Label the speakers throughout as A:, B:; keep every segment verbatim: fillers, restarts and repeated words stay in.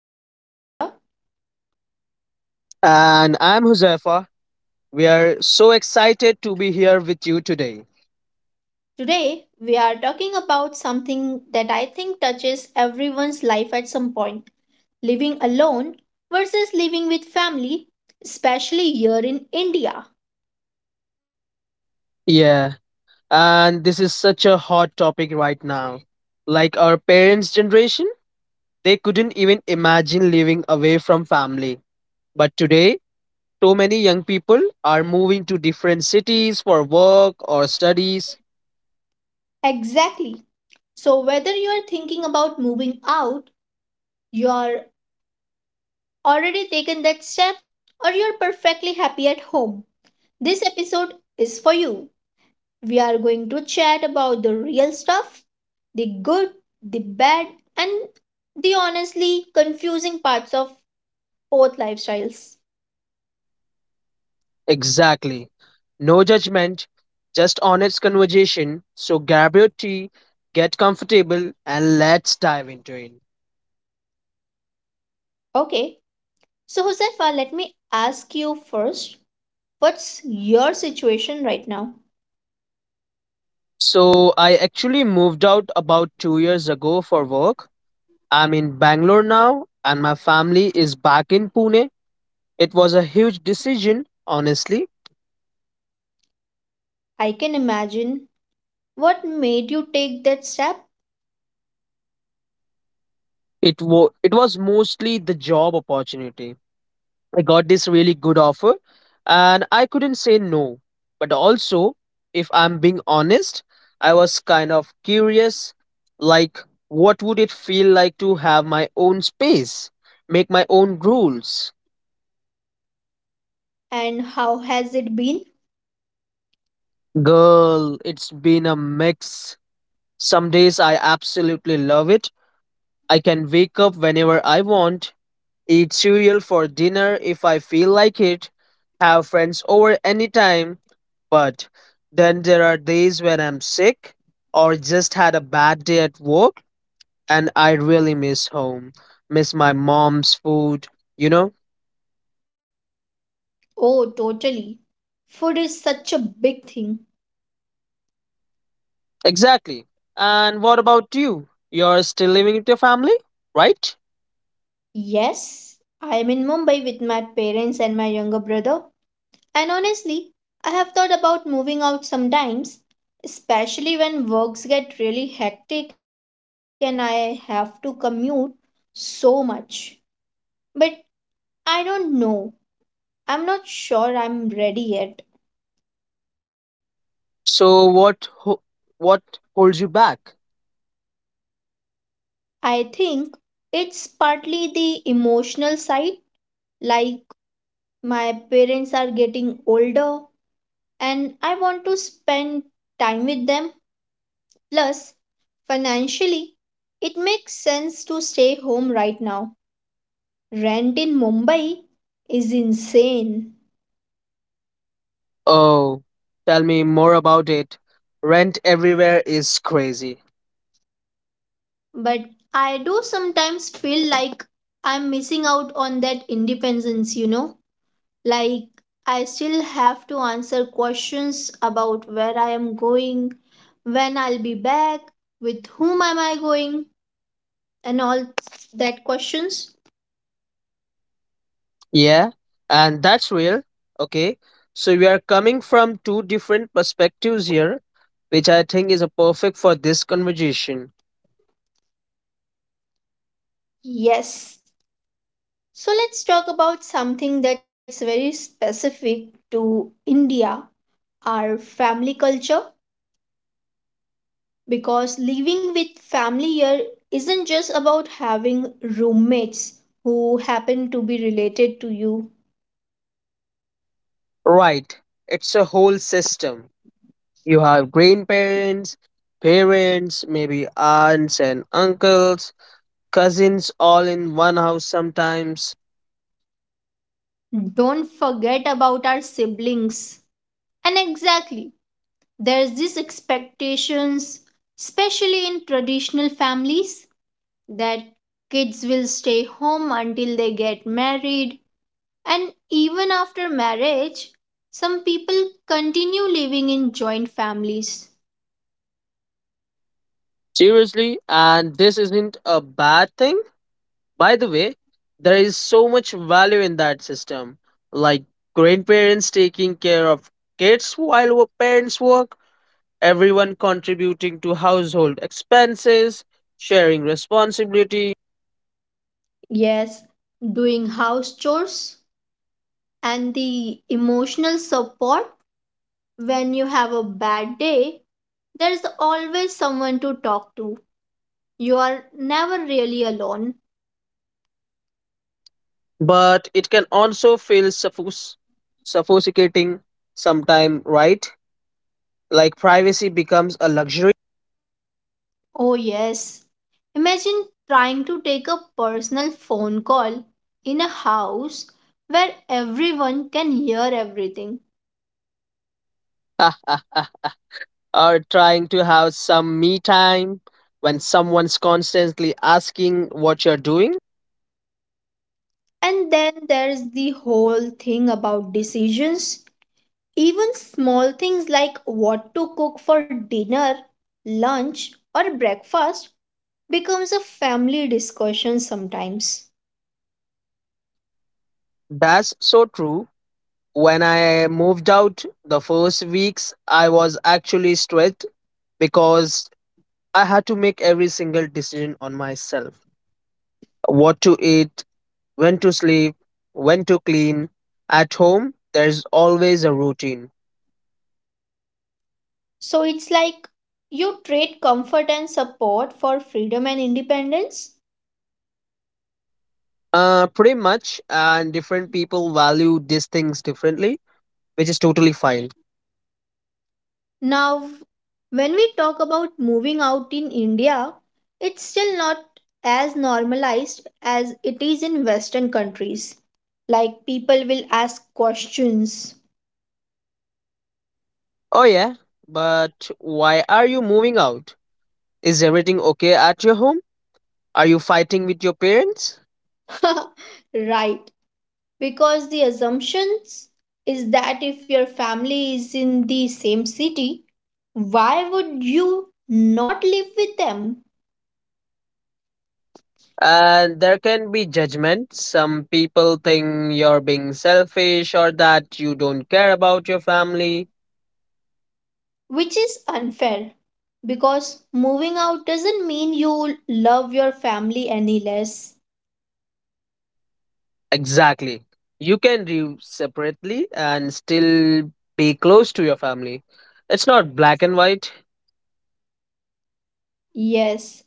A: I am Zafira.
B: And I'm Huzaifa. We are so excited to be here with you today.
A: Today we are talking about something that I think touches everyone's life at some point living alone versus living with family, especially here in India.
B: Yeah, and this is such a hot topic right now. Like our parents' generation, they couldn't even imagine living away from family. But today, so many young people are moving to different cities for work or studies.
A: Exactly. So, whether you are thinking about moving out, you are already taken that step, or you're perfectly happy at home, this episode is for you. We are going to chat about the real stuff the good, the bad, and the honestly confusing parts of both lifestyles.
B: Exactly. No judgment, just honest conversation. So grab your tea, get comfortable, and let's dive into it.
A: Okay, so Josefa, let me ask you first, what's your situation right now?
B: So I actually moved out about two years ago for work. I'm in Bangalore now, and my family is back in Pune. It was a huge decision, honestly.
A: I can imagine what made you take that step
B: It was it was mostly the job opportunity. I got this really good offer, and I couldn't say no. But also, if I'm being honest, I was kind of curious, like what would it feel like to have my own space, make my own rules.
A: and how has it been?
B: Girl, it's been a mix. Some days I absolutely love it. I can wake up whenever I want, eat cereal for dinner if I feel like it, have friends over anytime. But then there are days when I'm sick or just had a bad day at work and I really miss home, miss my mom's food, you know?
A: Oh, totally. Food is such a big thing.
B: Exactly. And what about you? You're still living with your family, right?
A: Yes, I am in Mumbai with my parents and my younger brother. And honestly, I have thought about moving out sometimes, especially when works get really hectic and I have to commute so much. But I don't know. I'm not sure I'm ready yet.
B: So what ho- what holds you back?
A: I think it's partly the emotional side, like my parents are getting older and I want to spend time with them. Plus, financially, it makes sense to stay home right now. Rent in Mumbai is insane,
B: Oh, tell me more about it. Rent everywhere is crazy.
A: but I do sometimes feel like I'm missing out on that independence, you know? Like, I still have to answer questions about where I am going, when I'll be back, with whom am I going, and all that questions.
B: Yeah, and that's real. Okay. So we are coming from two different perspectives here, which I think is a perfect for this conversation.
A: Yes. So, let's talk about something that's very specific to India, our family culture. Because living with family here isn't just about having roommates who happen to be related to you.
B: Right. It's a whole system. You have grandparents, parents, maybe aunts and uncles, cousins all in one house sometimes.
A: Don't forget about our siblings. And exactly, there's these expectations, especially in traditional families, that kids will stay home until they get married. And even after marriage, some people continue living in joint families.
B: Seriously, and this isn't a bad thing. By the way, there is so much value in that system, like grandparents taking care of kids while wo- parents work, everyone contributing to household expenses, sharing responsibility.
A: Yes, doing house chores and the emotional support when you have a bad day, there's always someone to talk to. You are never really alone.
B: But it can also feel suffos- suffocating sometime, right? Like privacy becomes a luxury.
A: Oh yes, imagine trying to take a personal phone call in a house where everyone can hear everything.
B: Or trying to have some me time when someone's constantly asking what you're doing.
A: And then there's the whole thing about decisions, even small things like what to cook for dinner, lunch or breakfast becomes a family discussion sometimes.
B: That's so true. When I moved out the first weeks, I was actually stressed because I had to make every single decision on myself: what to eat, when to sleep, when to clean. At home, there's always a routine.
A: So it's like you trade comfort and support for freedom and independence.
B: Uh, pretty much, and different people value these things differently, which is totally fine.
A: Now, when we talk about moving out in India, it's still not as normalized as it is in Western countries. Like, people will ask questions.
B: Oh, yeah, but why are you moving out? Is everything okay at your home? Are you fighting with your parents?
A: Right. Because the assumptions is that if your family is in the same city, why would you not live with them?
B: And there can be judgment. Some people think you're being selfish or that you don't care about your family.
A: Which is unfair because moving out doesn't mean you love your family any less.
B: Exactly. You can live separately and still be close to your family. It's not black and white.
A: Yes.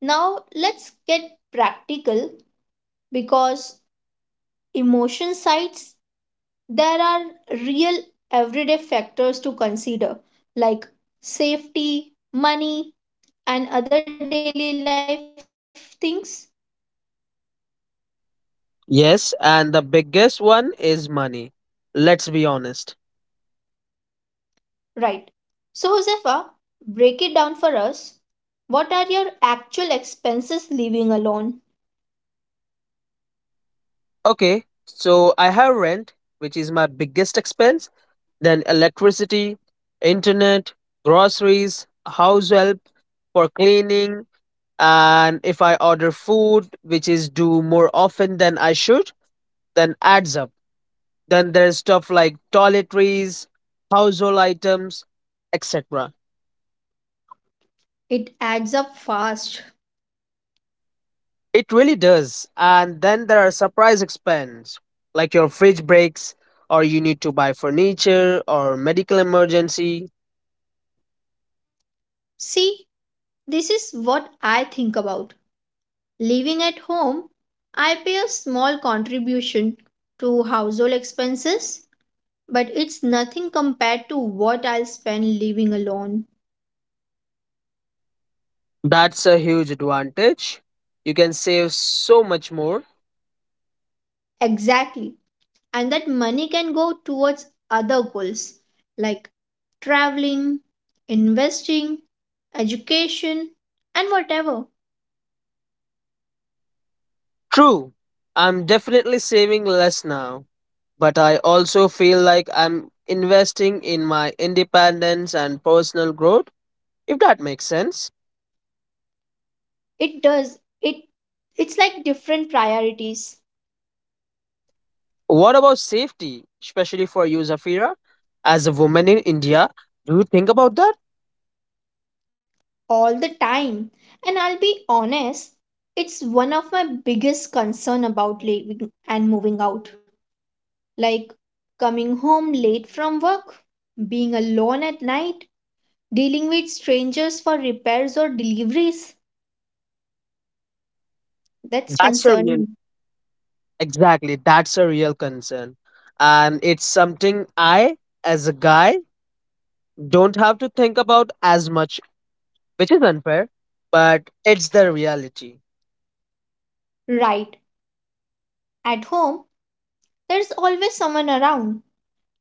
A: Now let's get practical because emotion sides there are real everyday factors to consider like safety, money, and other daily life things?
B: Yes, and the biggest one is money. Let's be honest.
A: Right. So, Josefa, break it down for us. What are your actual expenses living alone?
B: Okay, so I have rent, which is my biggest expense, then electricity, internet, groceries, house help for cleaning, and if I order food, which is due more often than I should, then adds up. Then there's stuff like toiletries, household items, et cetera.
A: It adds up fast.
B: It really does. And then there are surprise expense, like your fridge breaks, or you need to buy furniture, or medical emergency.
A: See, this is what I think about. Living at home, I pay a small contribution to household expenses, but it's nothing compared to what I'll spend living alone.
B: That's a huge advantage. You can save so much more.
A: Exactly. And that money can go towards other goals like traveling, investing, education, and whatever.
B: True, I'm definitely saving less now, but I also feel like I'm investing in my independence and personal growth, if that makes sense.
A: It does. It it's like different priorities
B: What about safety, especially for you, Zafira? As a woman in India, do you think about that?
A: all the time. And I'll be honest, it's one of my biggest concern about leaving and moving out. Like coming home late from work, being alone at night, dealing with strangers for repairs or deliveries. That's
B: That's a real
A: concerning.
B: exactly. That's a real concern, and it's something I, as a guy, don't have to think about as much, which is unfair, but it's the reality.
A: Right. At home, there's always someone around,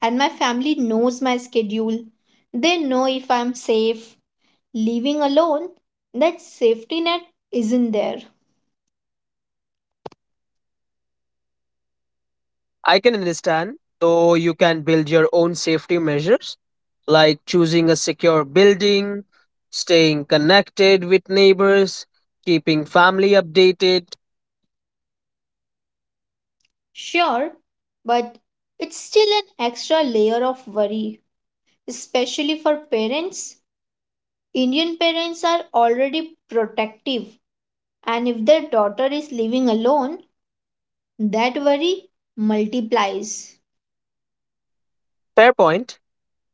A: and my family knows my schedule. They know if I'm safe. Living alone, that safety net isn't there.
B: I can understand, though you can build your own safety measures, like choosing a secure building, staying connected with neighbors, keeping family updated.
A: Sure, but it's still an extra layer of worry, especially for parents. Indian parents are already protective, and if their daughter is living alone, that worry multiplies.
B: Fair point.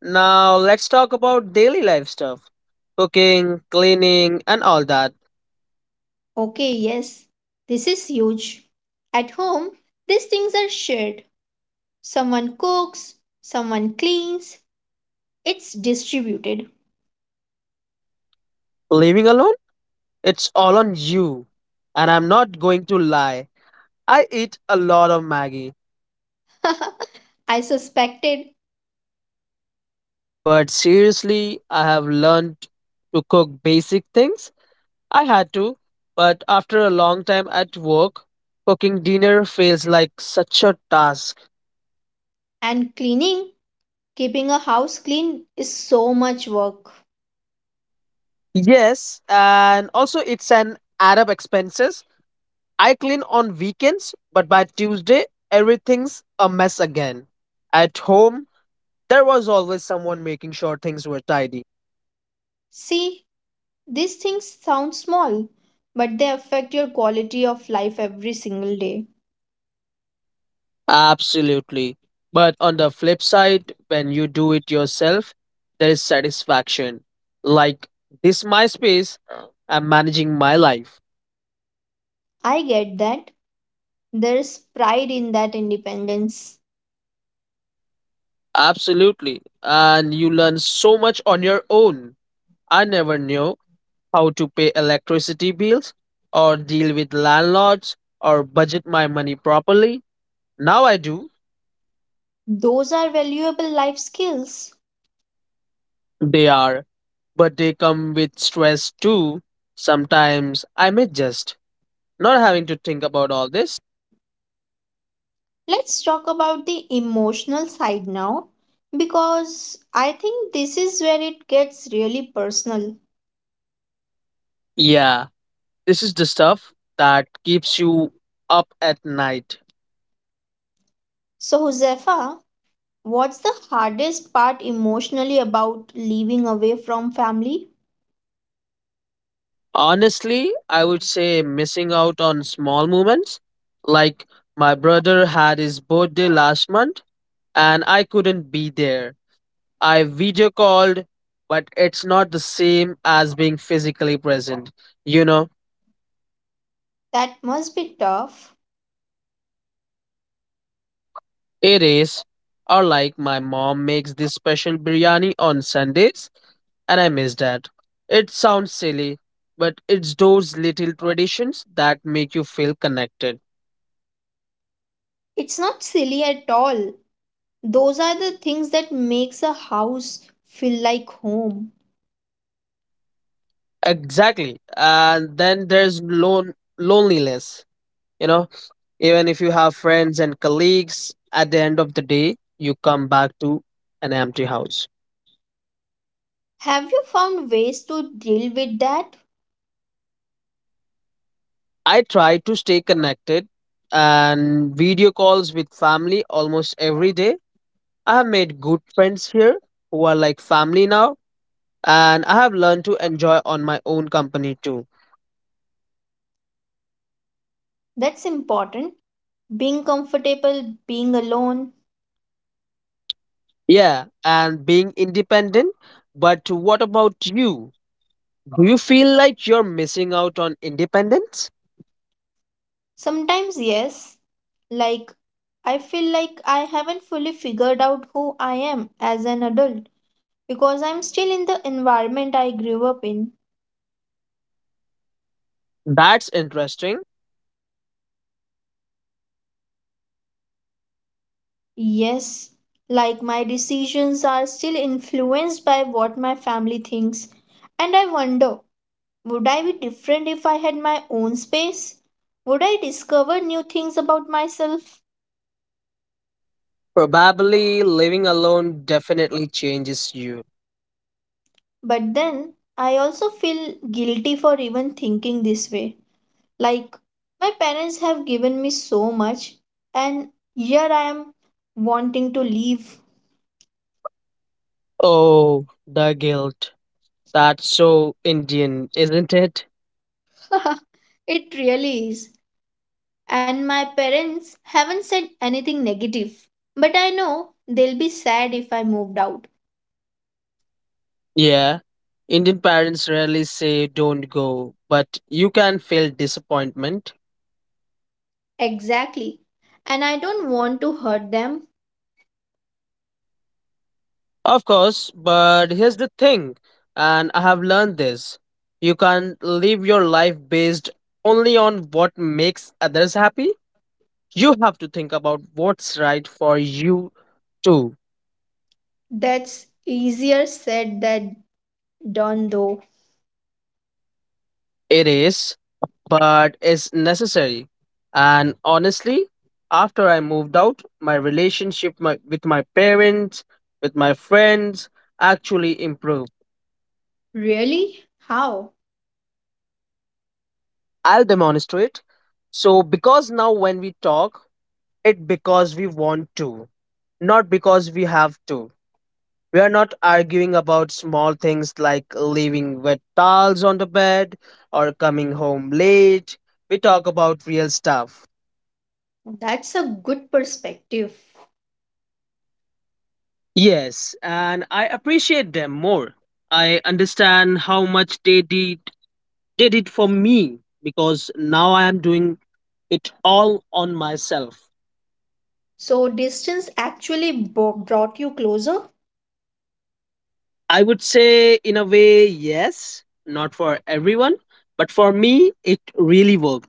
B: Now let's talk about daily life stuff: cooking, cleaning, and all that.
A: Okay, yes, this is huge. At home, these things are shared. Someone cooks, someone cleans, it's distributed.
B: Living alone? It's all on you. And I'm not going to lie. I eat a lot of Maggie.
A: I suspected,
B: But seriously, I have learned to cook basic things. I had to, but after a long time at work, cooking dinner feels like such a task.
A: and cleaning, keeping a house clean is so much work.
B: Yes, and also it's an add up expenses. I clean on weekends, but by Tuesday, everything's a mess again. At home, there was always someone making sure things were tidy.
A: See, these things sound small, but they affect your quality of life every single day.
B: Absolutely. But on the flip side, when you do it yourself, there is satisfaction. Like this my space, I'm managing my life.
A: I get that. There's pride in that independence.
B: Absolutely. And you learn so much on your own. I never knew how to pay electricity bills or deal with landlords or budget my money properly. Now I do.
A: Those are valuable life skills.
B: They are, but they come with stress too. Sometimes I may just not having to think about all this.
A: Let's talk about the emotional side now because I think this is where it gets really personal.
B: Yeah, this is the stuff that keeps you up at night.
A: So, Josefa, what's the hardest part emotionally about living away from family?
B: Honestly, I would say missing out on small moments. Like my brother had his birthday last month and I couldn't be there. I video called, but it's not the same as being physically present. You know,
A: That must be tough.
B: it is. Or like my mom makes this special biryani on Sundays and I miss that. It sounds silly, but it's those little traditions that make you feel connected.
A: It's not silly at all. Those are the things that makes a house feel like home.
B: Exactly. And then there's lone loneliness, you know, even if you have friends and colleagues, at the end of the day, you come back to an empty house.
A: Have you found ways to deal with that?
B: I try to stay connected and video calls with family almost every day. I have made good friends here who are like family now, and I have learned to enjoy on my own company too.
A: That's important. Being comfortable, being alone.
B: Yeah, and being independent. But what about you? Do you feel like you're missing out on independence?
A: Sometimes, yes, like I feel like I haven't fully figured out who I am as an adult because I'm still in the environment I grew up in.
B: That's interesting.
A: Yes, like my decisions are still influenced by what my family thinks, and I wonder, would I be different if I had my own space? Would I discover new things about myself?
B: Probably living alone definitely changes you.
A: But then I also feel guilty for even thinking this way. Like, my parents have given me so much, and here I am wanting to leave.
B: Oh, the guilt. That's so Indian, isn't it?
A: It really is. And my parents haven't said anything negative, but I know they'll be sad if I moved out.
B: Yeah. Indian parents rarely say don't go, but you can feel disappointment.
A: Exactly. And I don't want to hurt them.
B: Of course, but here's the thing, and I have learned this. You can't live your life based only on what makes others happy. You have to think about what's right for you too.
A: That's easier said than done, though.
B: It is, but it's necessary. And honestly, after I moved out, my relationship my, with my parents, with my friends, actually improved.
A: Really? How?
B: I'll demonstrate. So, because now when we talk, it because we want to, not because we have to. We are not arguing about small things like leaving wet towels on the bed or coming home late. We talk about real stuff.
A: That's a good perspective.
B: Yes, and I appreciate them more. I understand how much they did did it for me because now I am doing it all on myself.
A: So, distance actually bo- brought you closer?
B: I would say in a way yes, not for everyone, but for me it really works.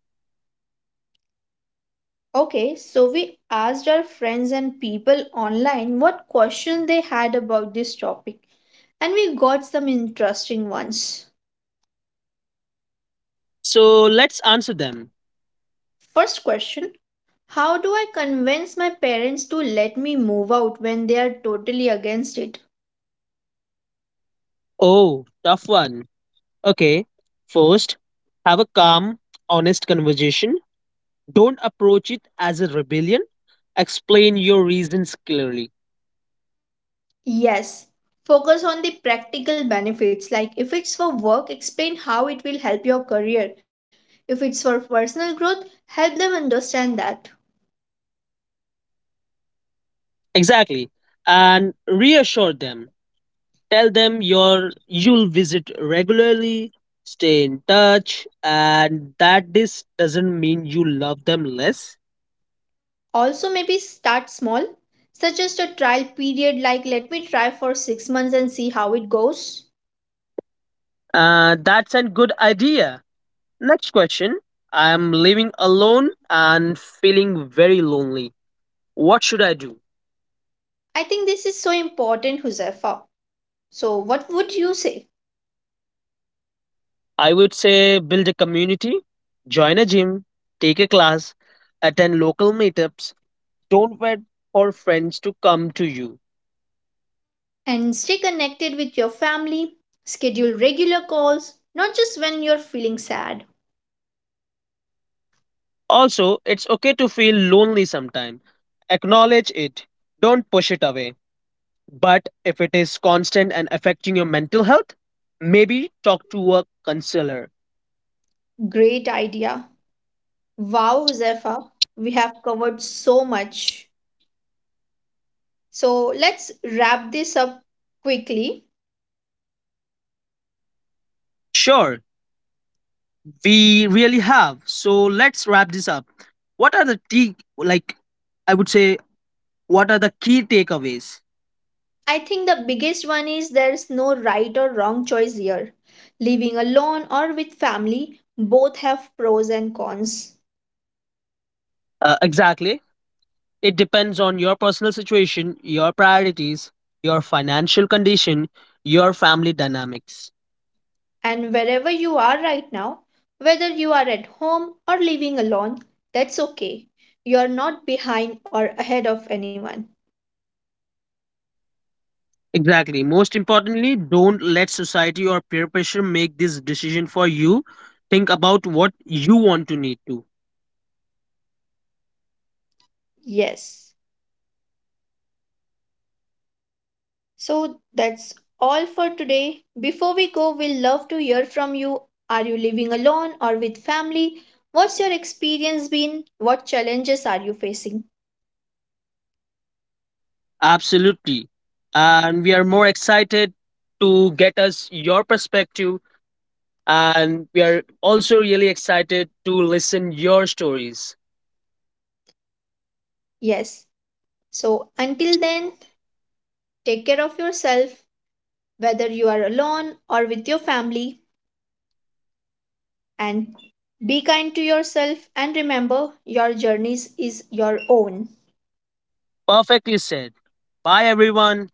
A: Okay, so we asked our friends and people online what question they had about this topic and we got some interesting ones.
B: So let's answer them.
A: First question, how do I convince my parents to let me move out when they are totally against it?
B: Oh, tough one. Okay. First, have a calm, honest conversation. Don't approach it as a rebellion. Explain your reasons clearly.
A: Yes, focus on the practical benefits like if it's for work, explain how it will help your career. If it's for personal growth, help them understand that.
B: Exactly. And reassure them. Tell them your you'll visit regularly, stay in touch, and that this doesn't mean you love them less.
A: Also, maybe start small, suggest a trial period like let me try for six months and see how it goes.
B: Uh, that's a good idea. Next question. I am living alone and feeling very lonely. What should I do?
A: I think this is so important, Huzaifa. So, what would you say?
B: I would say build a community, join a gym, take a class, attend local meetups, don't wait for friends to come to you.
A: And stay connected with your family, schedule regular calls, not just when you're feeling sad.
B: Also, it's okay to feel lonely sometime. Acknowledge it, don't push it away. But if it is constant and affecting your mental health, maybe talk to a counselor.
A: Great idea. Wow, Huzaifa, we have covered so much. So, let's wrap this up quickly.
B: Sure, we really have. So let's wrap this up. What are the t like? I would say what are the key takeaways?
A: I think the biggest one is there's no right or wrong choice here. Living alone or with family, both have pros and cons.
B: Uh, exactly. It depends on your personal situation, your priorities, your financial condition, your family dynamics.
A: And wherever you are right now, whether you are at home or living alone, that's okay. You're not behind or ahead of anyone.
B: Exactly. Most importantly, don't let society or peer pressure make this decision for you. Think about what you want to need to.
A: Yes. So that's all for today. Before we go, we'll love to hear from you. Are you living alone or with family? What's your experience been? What challenges are you facing?
B: Absolutely. And we are more excited to get us your perspective and we are also really excited to listen your stories.
A: Yes. So, until then, take care of yourself, whether you are alone or with your family, and be kind to yourself. And remember, your journey is your own.
B: Perfectly said. Bye everyone.